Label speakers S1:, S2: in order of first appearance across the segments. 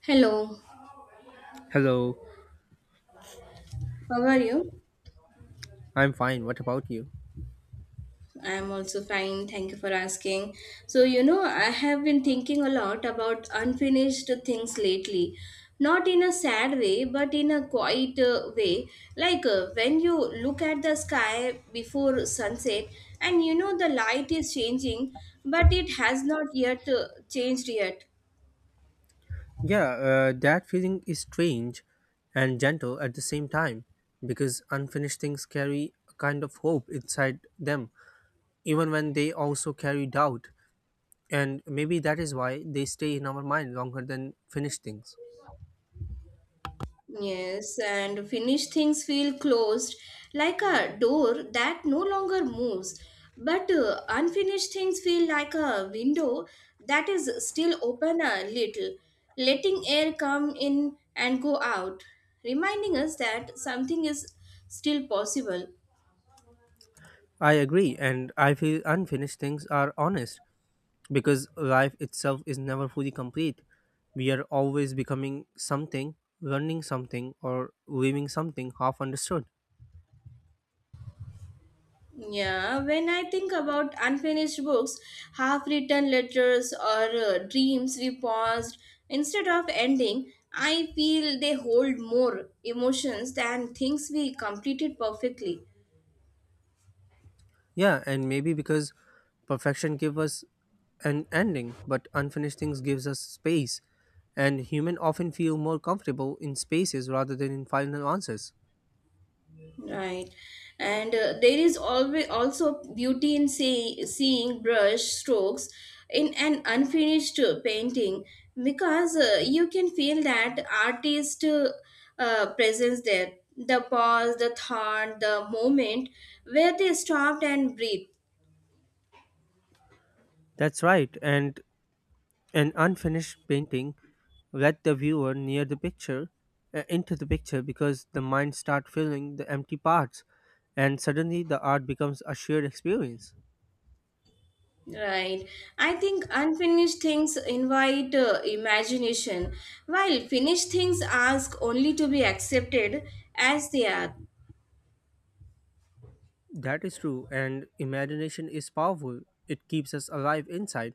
S1: Hello,
S2: Hello,
S1: how are you?
S2: I'm fine. What about you?
S1: I'm also fine. Thank you for asking. So, you know, I have been thinking a lot about unfinished things lately. Not in a sad way, but in a quiet way. Like when you look at the sky before sunset and you know the light is changing, but it has not yet changed yet.
S2: Yeah, that feeling is strange and gentle at the same time because unfinished things carry a kind of hope inside them, even when they also carry doubt. And maybe that is why they stay in our mind longer than finished things.
S1: Yes, and finished things feel closed, like a door that no longer moves. But unfinished things feel like a window that is still open a little, letting air come in and go out, reminding us that something is still possible.
S2: I agree, and I feel unfinished things are honest because life itself is never fully complete. We are always becoming something, learning something, or leaving something half understood.
S1: Yeah, when I think about unfinished books, half written letters, or dreams we paused instead of ending, I feel they hold more emotions than things we completed perfectly.
S2: Yeah, and maybe because perfection gives us an ending, but unfinished things gives us space, and humans often feel more comfortable in spaces rather than in final answers.
S1: Right. And there is always also beauty in seeing brush strokes in an unfinished painting because you can feel that artist presence there. The pause, the thought, the moment where they stopped and breathed.
S2: That's right, and an unfinished painting let the viewer near the picture into the picture because the mind start filling the empty parts, and suddenly the art becomes a shared experience.
S1: Right. I think unfinished things invite imagination, while finished things ask only to be accepted as they are.
S2: That is true, and imagination is powerful. It keeps us alive inside.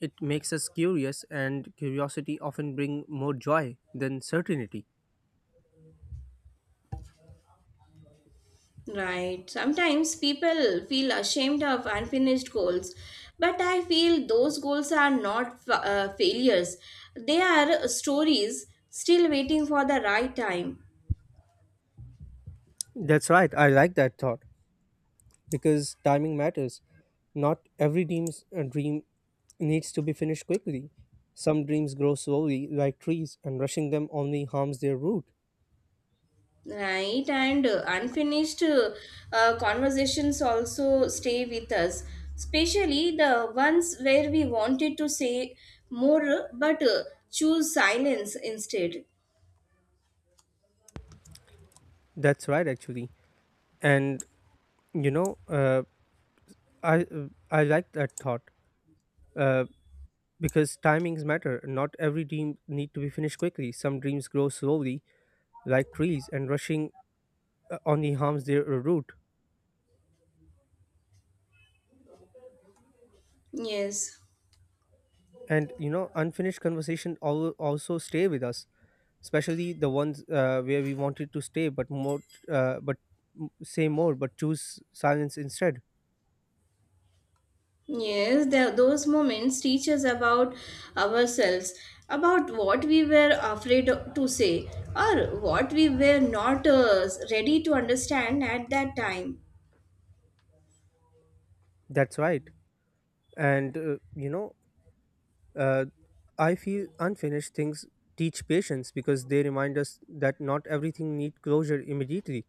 S2: It makes us curious, and curiosity often bring more joy than certainty.
S1: Right. Sometimes people feel ashamed of unfinished goals, but I feel those goals are not failures. They are stories still waiting for the right time.
S2: That's right. I like that thought because timing matters. Not every dream needs to be finished quickly. Some dreams grow slowly, like trees, and rushing them only harms their root.
S1: Right. And unfinished conversations also stay with us, especially the ones where we wanted to say more but choose silence instead.
S2: That's right, actually. And you know, uh, I like that thought, uh, because timings matter. Not every dream need to be finished quickly. Some dreams grow slowly, like trees, and rushing on the harms their route.
S1: Yes.
S2: And you know, unfinished conversation also stay with us, especially the ones where we wanted to stay but more uh, but say more but choose silence instead.
S1: Yes, those moments teach us about ourselves, about what we were afraid to say, or what we were not ready to understand at that time.
S2: That's right. And uh, you know uh, i feel unfinished things teach patience because they remind us that not everything need closure immediately.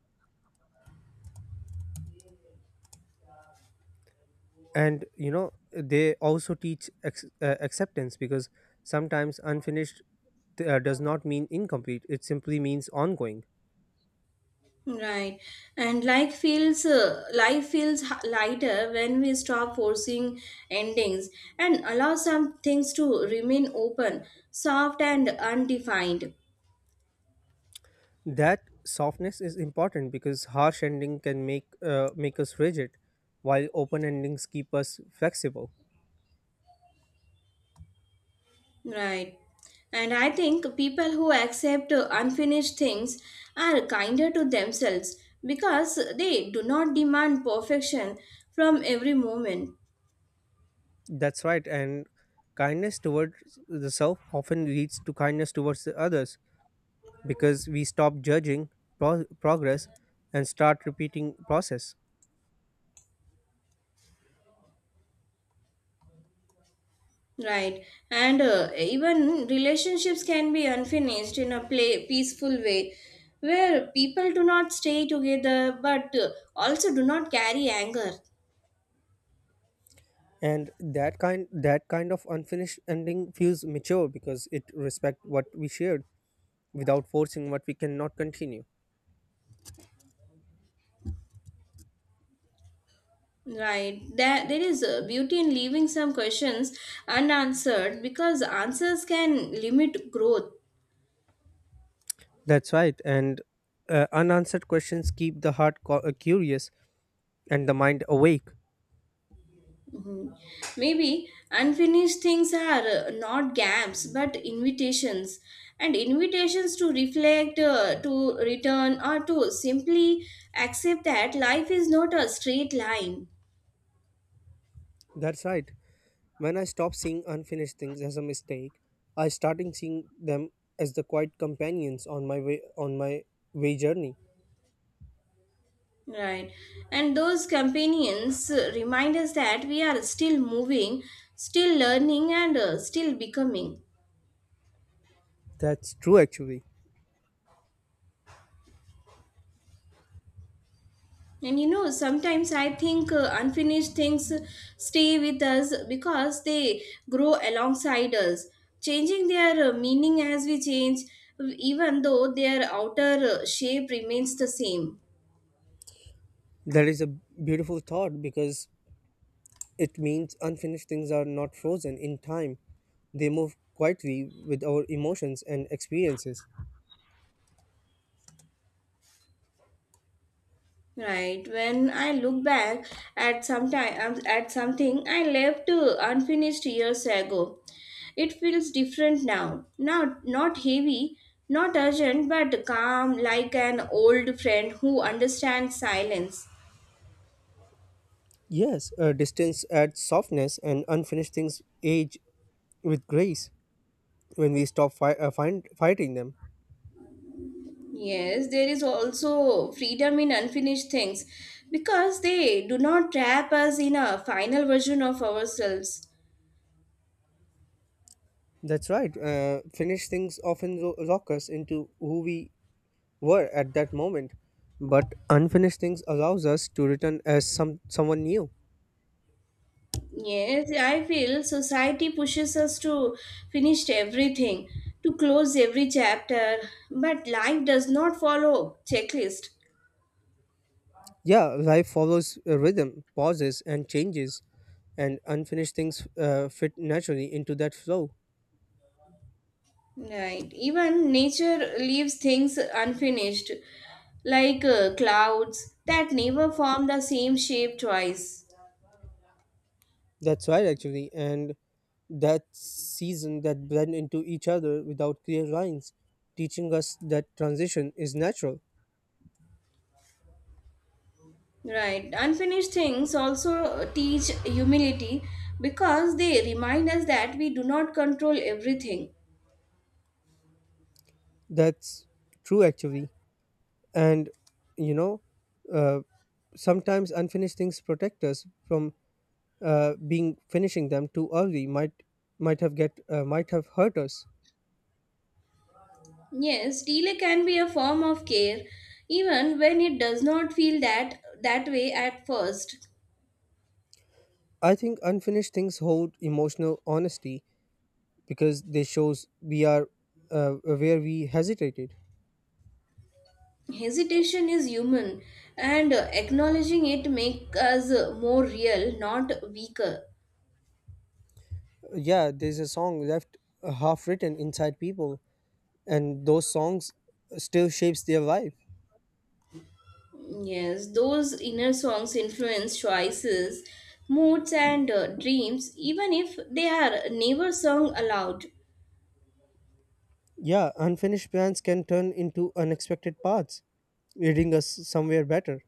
S2: And you know, they also teach acceptance, because sometimes unfinished does not mean incomplete, it simply means ongoing.
S1: Right, and like feels life feels lighter when we stop forcing endings and allow some things to remain open, soft, and undefined.
S2: That softness is important because harsh ending can make us rigid, while open endings keep us flexible.
S1: Right. And I think people who accept unfinished things are kinder to themselves because they do not demand perfection from every moment.
S2: That's right, and kindness towards the self often leads to kindness towards the others because we stop judging progress and start repeating process.
S1: Right. And even relationships can be unfinished in a peaceful way where people do not stay together but also do not carry anger.
S2: And that kind of unfinished ending feels mature because it respect what we shared without forcing what we cannot continue.
S1: Right. There is beauty in leaving some questions unanswered because answers can limit growth.
S2: That's right, and unanswered questions keep the heart curious and the mind awake.
S1: Mhm. Maybe unfinished things are not gaps but invitations, and invitations to reflect, to return, or to simply accept that life is not a straight line.
S2: That's right. When I stop seeing unfinished things as a mistake, I starting seeing them as the quiet companions on my way journey.
S1: Right. And those companions remind us that we are still moving, still learning, and still becoming.
S2: That's true, actually.
S1: And you know, sometimes I think unfinished things stay with us because they grow alongside us, changing their meaning as we change, even though their outer shape remains the same.
S2: That is a beautiful thought because it means unfinished things are not frozen in time. They move quietly with our emotions and experiences.
S1: Right. When I look back at some time, at something I left unfinished years ago, it feels different now. Now, not heavy, not urgent, but calm, like an old friend who understands silence.
S2: Yes, distance adds softness, and unfinished things age with grace when we stop fighting them.
S1: Yes, there is also freedom in unfinished things because they do not trap us in a final version of ourselves.
S2: That's right. Finished things often lock us into who we were at that moment, but unfinished things allows us to return as someone new.
S1: Yes, I feel society pushes us to finish everything, to close every chapter, but life does not follow checklist.
S2: Yeah, life follows a rhythm, pauses, and changes, and unfinished things fit naturally into that flow.
S1: Right. Even nature leaves things unfinished, like clouds that never form the same shape twice.
S2: That's right, actually, and that season that blend into each other without clear lines, teaching us that transition is natural.
S1: Right. Unfinished things also teach humility because they remind us that we do not control everything.
S2: That's true, actually, and you know, uh, sometimes unfinished things protect us from being finishing them too early. Might have get might have hurt us.
S1: Yes, delay can be a form of care even when it does not feel that way at first.
S2: I think unfinished things hold emotional honesty because they shows we are where we hesitated.
S1: Hesitation is human and acknowledging it makes us more real, not weaker.
S2: Yeah, there's a song left half written inside people, and those songs still shapes their life.
S1: Yes, those inner songs influence choices, moods and dreams even if they are never sung aloud.
S2: Yeah, unfinished plans can turn into unexpected paths, leading us somewhere better.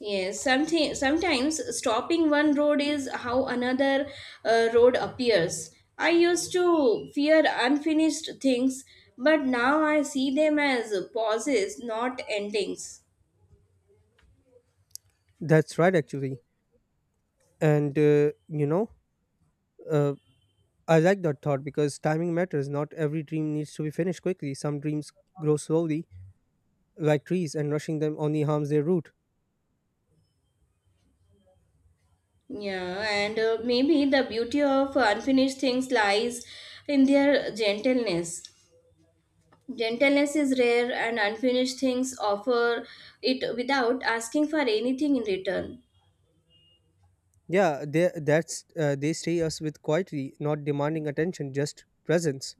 S1: Yes, something sometimes stopping one road is how another road appears. I used to fear unfinished things, but now I see them as pauses, not endings.
S2: That's right, actually. And you know. Uh, I like that thought because timing matters. Not every dream needs to be finished quickly. Some dreams grow slowly, like trees, and rushing them only harms their root.
S1: Yeah, and maybe the beauty of unfinished things lies in their gentleness. Gentleness is rare, and unfinished things offer it without asking for anything in return.
S2: Yeah, they stay us with quietly, not demanding attention, just presence.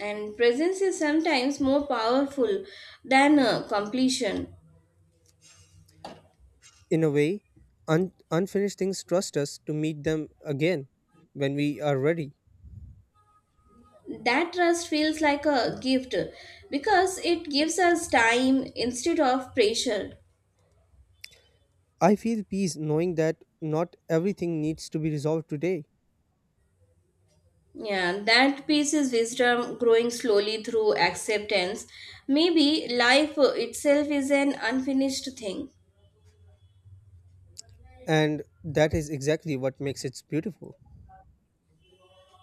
S1: And presence is sometimes more powerful than completion.
S2: In a way, unfinished things trust us to meet them again when we are ready.
S1: That trust feels like a gift because it gives us time instead of pressure.
S2: I feel peace knowing that not everything needs to be resolved today,
S1: Yeah, that piece is wisdom growing slowly through acceptance. Maybe life itself is an unfinished thing.
S2: and that is exactly what makes it beautiful.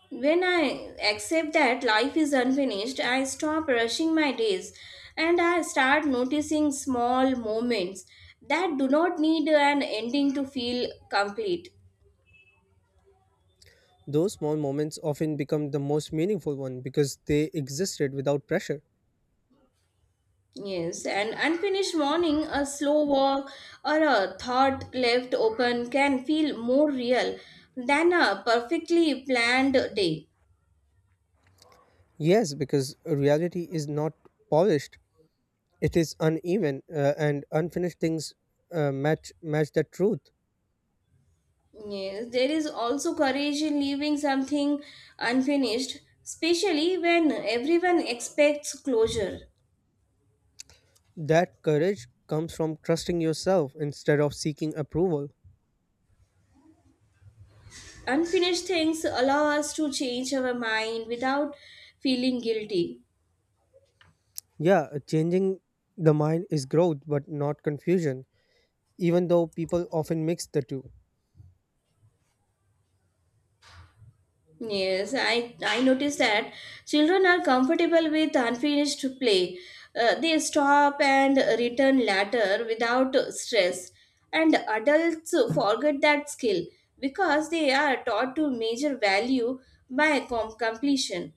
S1: When I accept that life is unfinished, I stop rushing my days and I start noticing small moments that do not need an ending to feel complete.
S2: Those small moments often become the most meaningful one because they existed without pressure.
S1: Yes, an unfinished morning, a slow walk, or a thought left open can feel more real than a perfectly planned day.
S2: Yes, because reality is not polished; it is uneven, and unfinished things match that truth.
S1: Yes, there is also courage in leaving something unfinished, especially when everyone expects closure.
S2: That courage comes from trusting yourself instead of seeking approval.
S1: Unfinished things allow us to change our mind without feeling guilty.
S2: Yeah, changing the mind is growth, but not confusion, even though people often mix the two.
S1: Yes, I noticed that children are comfortable with unfinished play. They stop and return later without stress. And adults forget that skill because they are taught to measure value by completion.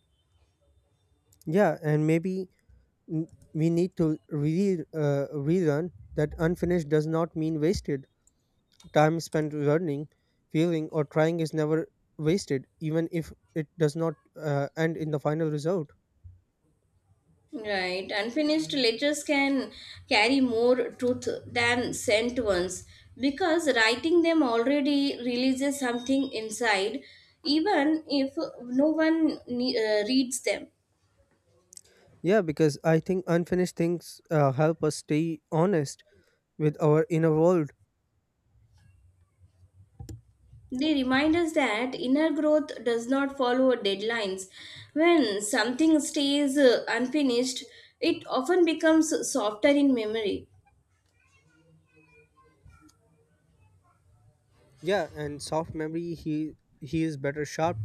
S2: Yeah, and maybe we need to relearn that unfinished does not mean wasted. Time spent learning, feeling, or trying is never wasted, even if it does not end in the final result.
S1: Right. Unfinished letters can carry more truth than sent ones because writing them already releases something inside, even if no one reads them.
S2: Yeah, because I think unfinished things help us stay honest with our inner world.
S1: They remind us that inner growth does not follow deadlines. When something stays unfinished, it often becomes softer in memory.
S2: Yeah, and soft memory he is better sharp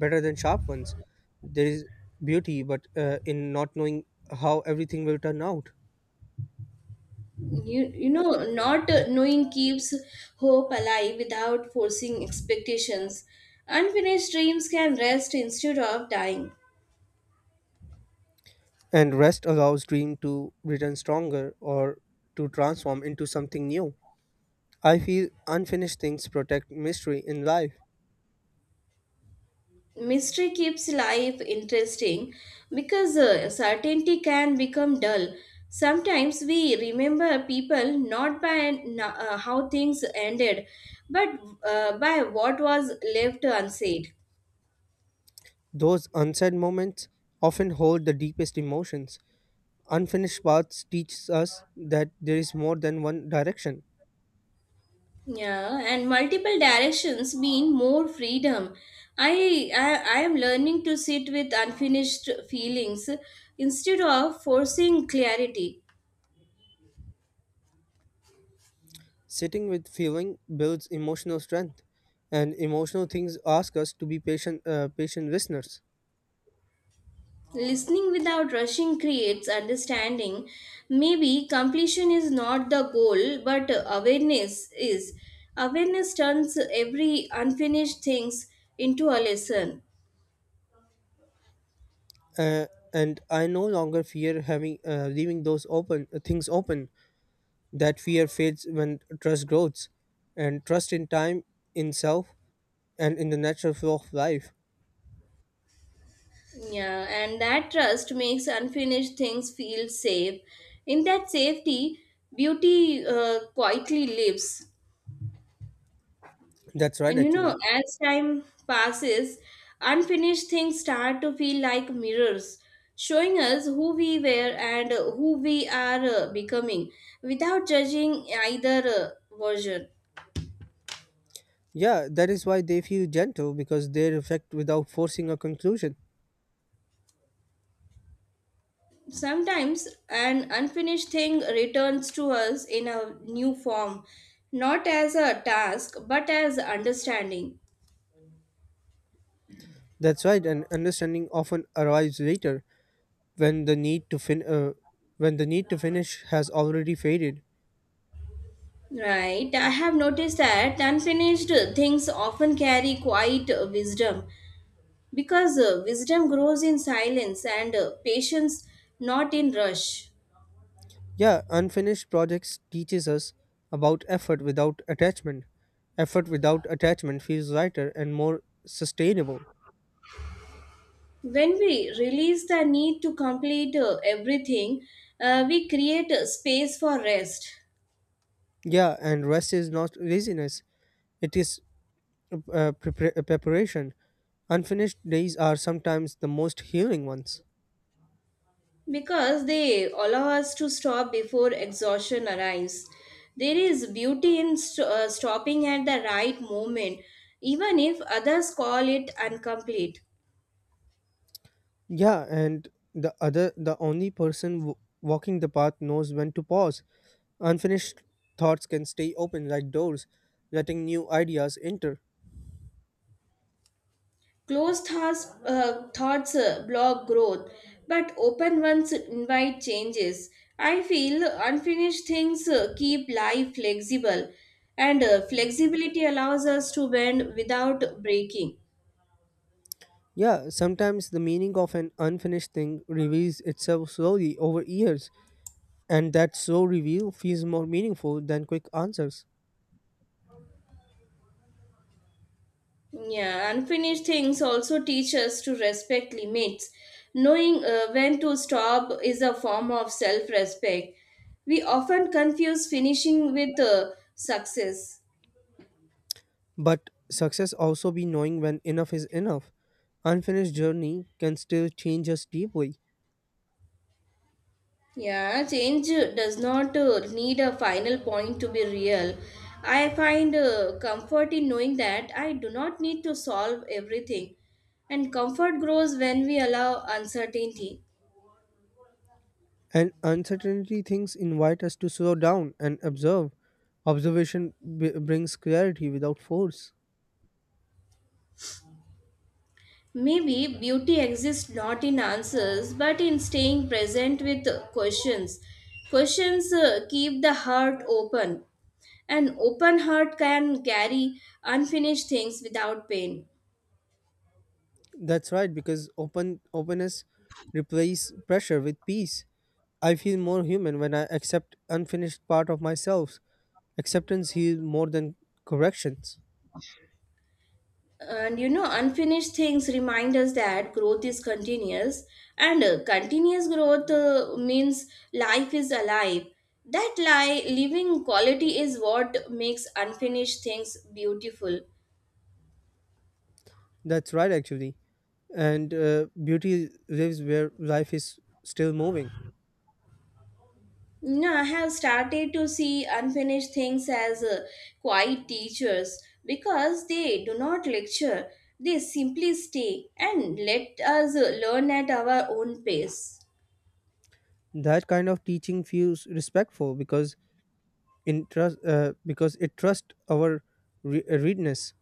S2: better than sharp ones. There is beauty, but in not knowing how everything will turn out.
S1: You know not knowing keeps hope alive without forcing expectations. Unfinished dreams can rest instead of dying.
S2: And rest allows dream to return stronger or to transform into something new. I feel unfinished things protect mystery in life.
S1: Mystery keeps life interesting because certainty can become dull. Sometimes we remember people not by how things ended but by what was left unsaid.
S2: Those unsaid moments often hold the deepest emotions. Unfinished paths teach us that there is more than one direction.
S1: Yeah, and multiple directions mean more freedom. I am learning to sit with unfinished feelings instead of forcing clarity.
S2: Sitting with feeling builds emotional strength, and emotional things ask us to be patient listeners.
S1: Listening without rushing creates understanding. Maybe completion is not the goal, but awareness is. Awareness turns every unfinished things into a lesson.
S2: Uh, and I no longer fear having leaving those open things open. That fear fades when trust grows, and trust in time, in self, and in the natural flow of life.
S1: Yeah, and that trust makes unfinished things feel safe. In that safety, beauty quietly lives.
S2: That's right,
S1: And you
S2: actually.
S1: know, as time passes, unfinished things start to feel like mirrors, showing us who we were and who we are becoming without judging either version.
S2: Yeah, that is why they feel gentle because they reflect without forcing a conclusion.
S1: Sometimes an unfinished thing returns to us in a new form, not as a task but as understanding.
S2: That's right, and understanding often arrives later when the need to finish has already faded.
S1: Right, I have noticed that unfinished things often carry quiet wisdom because wisdom grows in silence and patience not in rush.
S2: Yeah, unfinished projects teaches us about effort without attachment. Effort without attachment feels lighter and more sustainable.
S1: When we release the need to complete everything, we create a space for rest.
S2: Yeah, and rest is not laziness; it is preparation. Unfinished days are sometimes the most healing ones.
S1: Because they allow us to stop before exhaustion arrives. There is beauty in stopping at the right moment, even if others call it incomplete.
S2: Yeah, and the only person walking the path knows when to pause. Unfinished thoughts can stay open like doors, letting new ideas enter.
S1: Closed thoughts block growth, but open ones invite changes. I feel unfinished things keep life flexible, and flexibility allows us to bend without breaking.
S2: Yeah, sometimes the meaning of an unfinished thing reveals itself slowly over years, and that slow reveal feels more meaningful than quick answers.
S1: Yeah, unfinished things also teach us to respect limits. Knowing when to stop is a form of self respect. We often confuse finishing with success.
S2: But success also be knowing when enough is enough. Unfinished journey can still change us deeply.
S1: Yeah, change does not need a final point to be real. I find comfort in knowing that I do not need to solve everything. And comfort grows when we allow uncertainty.
S2: And uncertainty things invite us to slow down and observe. Observation brings clarity without force.
S1: Maybe beauty exists not in answers but in staying present with questions. Questions keep the heart open. An open heart can carry unfinished things without pain.
S2: That's right, because open openness replaces pressure with peace. I feel more human when I accept unfinished part of myself. Acceptance heals more than corrections.
S1: And you know, unfinished things remind us that growth is continuous, and continuous growth means life is alive. That living quality is what makes unfinished things beautiful.
S2: That's right, actually. And beauty lives where life is still moving.
S1: No, I have started to see unfinished things as quiet teachers because they do not lecture. They simply stay and let us learn at our own pace.
S2: That kind of teaching feels respectful because it trusts our readiness.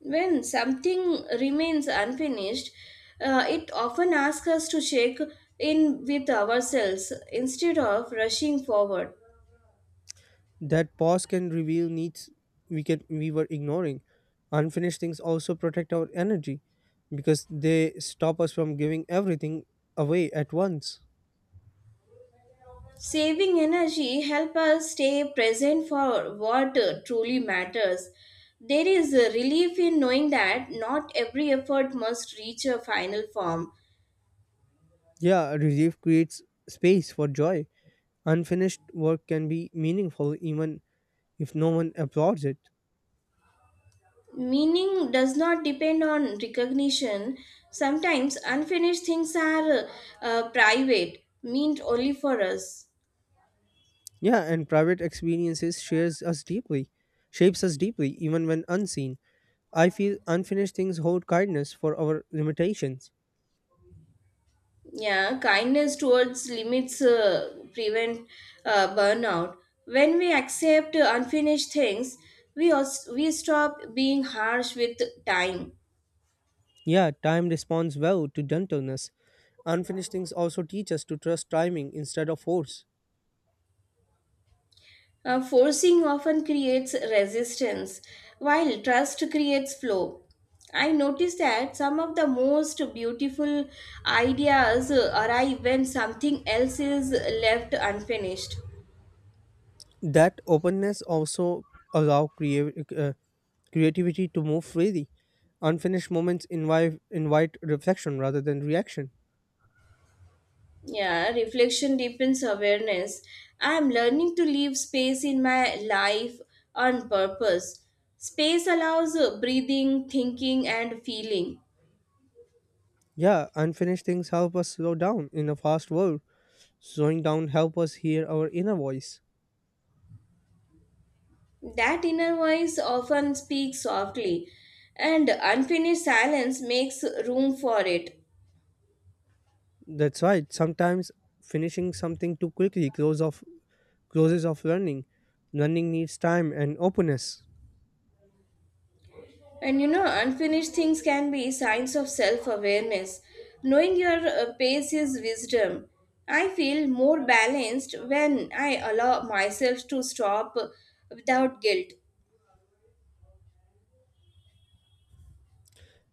S1: When something remains unfinished, it often asks us to check in with ourselves instead of rushing forward.
S2: That pause can reveal needs we were ignoring. Unfinished things also protect our energy because they stop us from giving everything away at once.
S1: Saving energy help us stay present for what truly matters. There is a relief in knowing that not every effort must reach a final form.
S2: Yeah, relief creates space for joy. Unfinished work can be meaningful even if no one applauds it.
S1: Meaning does not depend on recognition. Sometimes unfinished things are private, meant only for us.
S2: Yeah, and private experiences shares us deeply shapes us deeply, even when unseen. I feel unfinished things hold kindness for our limitations.
S1: Yeah, kindness towards limits prevent burnout. When we accept unfinished things, we stop being harsh with time.
S2: Yeah, time responds well to gentleness. Unfinished things also teach us to trust timing instead of force.
S1: Forcing often creates resistance, while trust creates flow. I noticed that some of the most beautiful ideas arrive when something else is left unfinished.
S2: That openness also allow creative. Creativity to move freely. Unfinished moments invite reflection rather than reaction.
S1: Yeah, reflection deepens awareness. I am learning to leave space in my life on purpose. Space allows breathing, thinking, and feeling.
S2: Yeah, unfinished things help us slow down in a fast world. Slowing down help us hear our inner voice.
S1: That inner voice often speaks softly, and unfinished silence makes room for it.
S2: That's right. Sometimes finishing something too quickly close off process of learning. Learning needs time and openness.
S1: And you know, unfinished things can be signs of self awareness. Knowing your pace is wisdom. I feel more balanced when I allow myself to stop without guilt.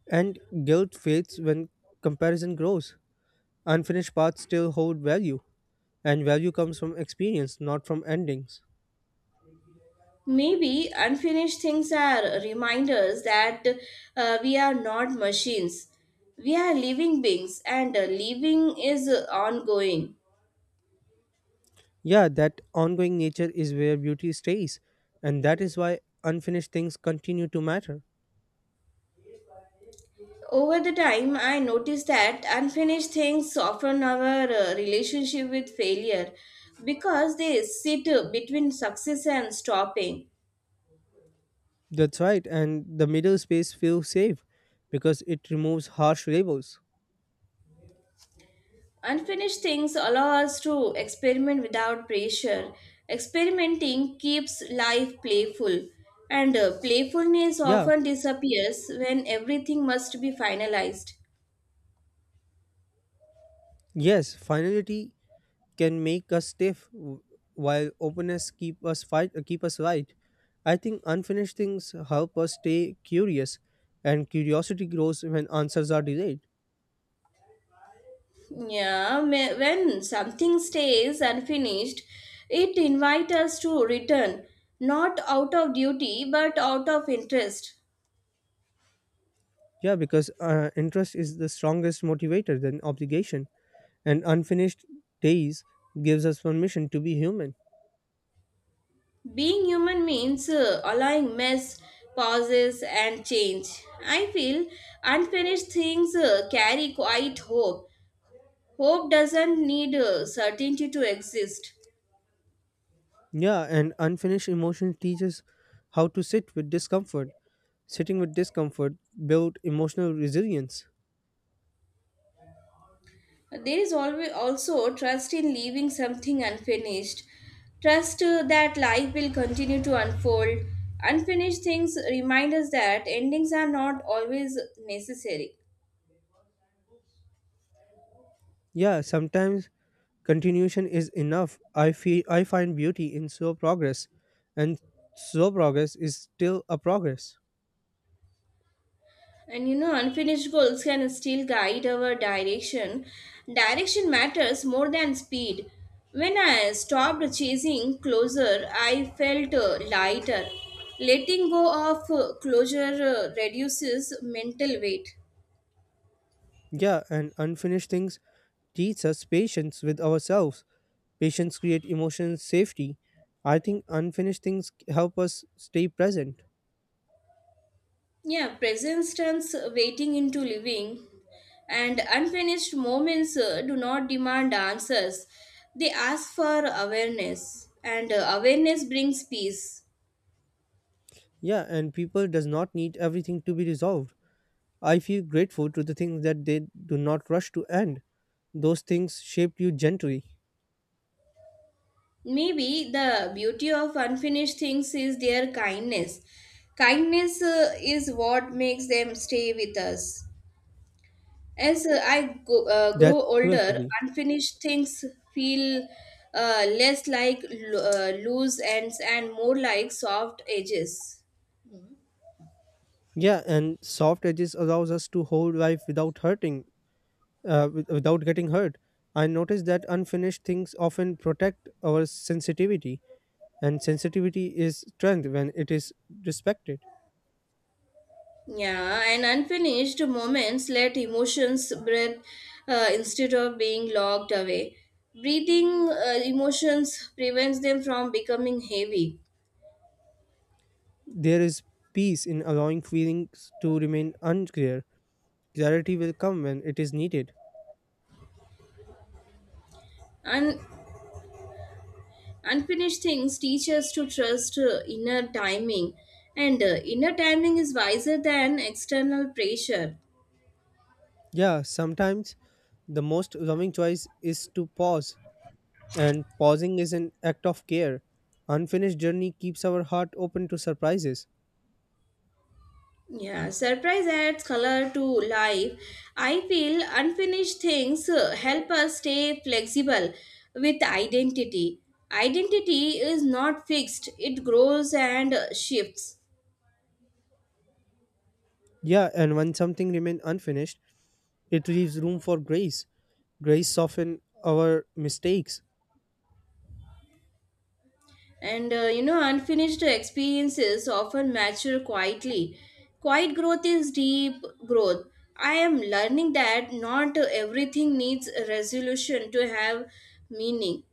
S2: And guilt fades when comparison grows. Unfinished paths still hold value, and value comes from experience, not from endings.
S1: Maybe unfinished things are reminders that we are not machines. We are living beings, and living is ongoing.
S2: Yeah, that ongoing nature is where beauty stays, and that is why unfinished things continue to matter.
S1: Over the time, I noticed that unfinished things soften our relationship with failure because they sit between success and stopping.
S2: That's right, and the middle space feels safe because it removes harsh labels.
S1: Unfinished things allow us to experiment without pressure. Experimenting keeps life playful, and playfulness
S2: Yeah,
S1: often disappears when everything must be finalized.
S2: yes, finality can make us stiff while openness keep us right. I think unfinished things help us stay curious, and curiosity grows when answers are delayed.
S1: Yeah, when something stays unfinished, it invites us to return, not out of duty but out of interest.
S2: Yeah, because interest is the strongest motivator than obligation, and unfinished days gives us permission to be human.
S1: Being human means allowing mess, pauses, and change. I feel unfinished things carry quite hope. Hope doesn't need certainty to exist.
S2: Yeah, and unfinished emotion teaches how to sit with discomfort. Sitting with discomfort build emotional resilience.
S1: There is always also trust in leaving something unfinished. Trust that life will continue to unfold. Unfinished things remind us that endings are not always necessary.
S2: Yeah, sometimes continuation is enough. I feel I find beauty in slow progress, and slow progress is still a progress.
S1: And you know, unfinished goals can still guide our direction. Direction matters more than speed. When I stopped chasing closure, I felt lighter. Letting go of closure reduces mental weight.
S2: Yeah, and unfinished things teach us patience with ourselves. Patience create emotional safety. I think unfinished things help us stay present.
S1: Yeah, presence turns waiting into living, and unfinished moments do not demand answers. They ask for awareness, and awareness brings peace.
S2: Yeah, and people does not need everything to be resolved. I feel grateful to the things that they do not rush to end. Those things shaped you gently.
S1: Maybe the beauty of unfinished things is their kindness. Kindness is what makes them stay with us. As I grow
S2: That's true,
S1: older,
S2: actually.
S1: unfinished things feel less like loose ends and more like soft edges.
S2: Yeah, and soft edges allows us to hold life without without getting hurt. I noticed that unfinished things often protect our sensitivity, and sensitivity is strength when it is respected.
S1: Yeah, and unfinished moments let emotions breathe instead of being locked away. Breathing emotions prevents them from becoming heavy.
S2: There is peace in allowing feelings to remain unclear. Clarity will come when it is needed.
S1: Un- Unfinished things teach us to trust inner timing, and inner timing is wiser than external pressure.
S2: Yeah, sometimes the most loving choice is to pause, and pausing is an act of care. Unfinished journey keeps our heart open to surprises.
S1: Yeah, surprise adds color to life. I feel unfinished things help us stay flexible with identity. Identity is not fixed, it grows and shifts.
S2: Yeah, and when something remains unfinished, it leaves room for grace. Grace soften our mistakes.
S1: And you know, unfinished experiences often mature quietly. Quiet growth is deep growth. I am learning that not everything needs a resolution to have meaning.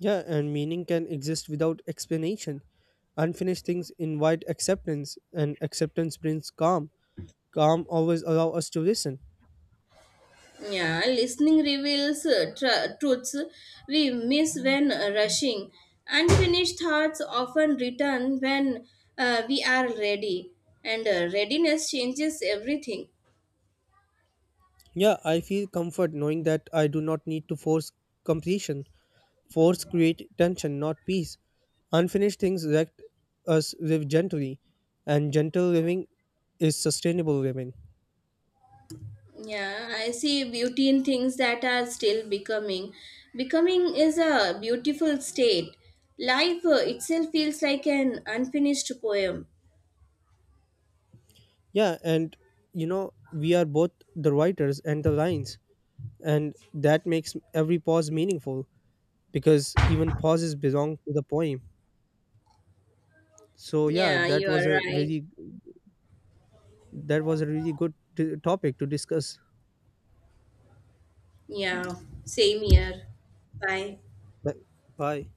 S2: Yeah, and meaning can exist without explanation. Unfinished things invite acceptance, and acceptance brings calm. Calm always allow us to listen.
S1: Yeah, listening reveals truths we miss when rushing. Unfinished thoughts often return when we are ready, and readiness changes everything.
S2: Yeah, I feel comfort knowing that I do not need to force completion. Force create tension, not peace. Unfinished things let us live gently, and gentle living is sustainable living.
S1: Yeah, I see beauty in things that are still becoming. Becoming is a beautiful state. Life itself feels like an unfinished poem.
S2: Yeah, and you know, we are both the writers and the lines, and that makes every pause meaningful because even pauses belong to the poem. So yeah,
S1: Yeah, you are right.
S2: that was a really good topic to discuss.
S1: Yeah, same here. Bye.
S2: Bye.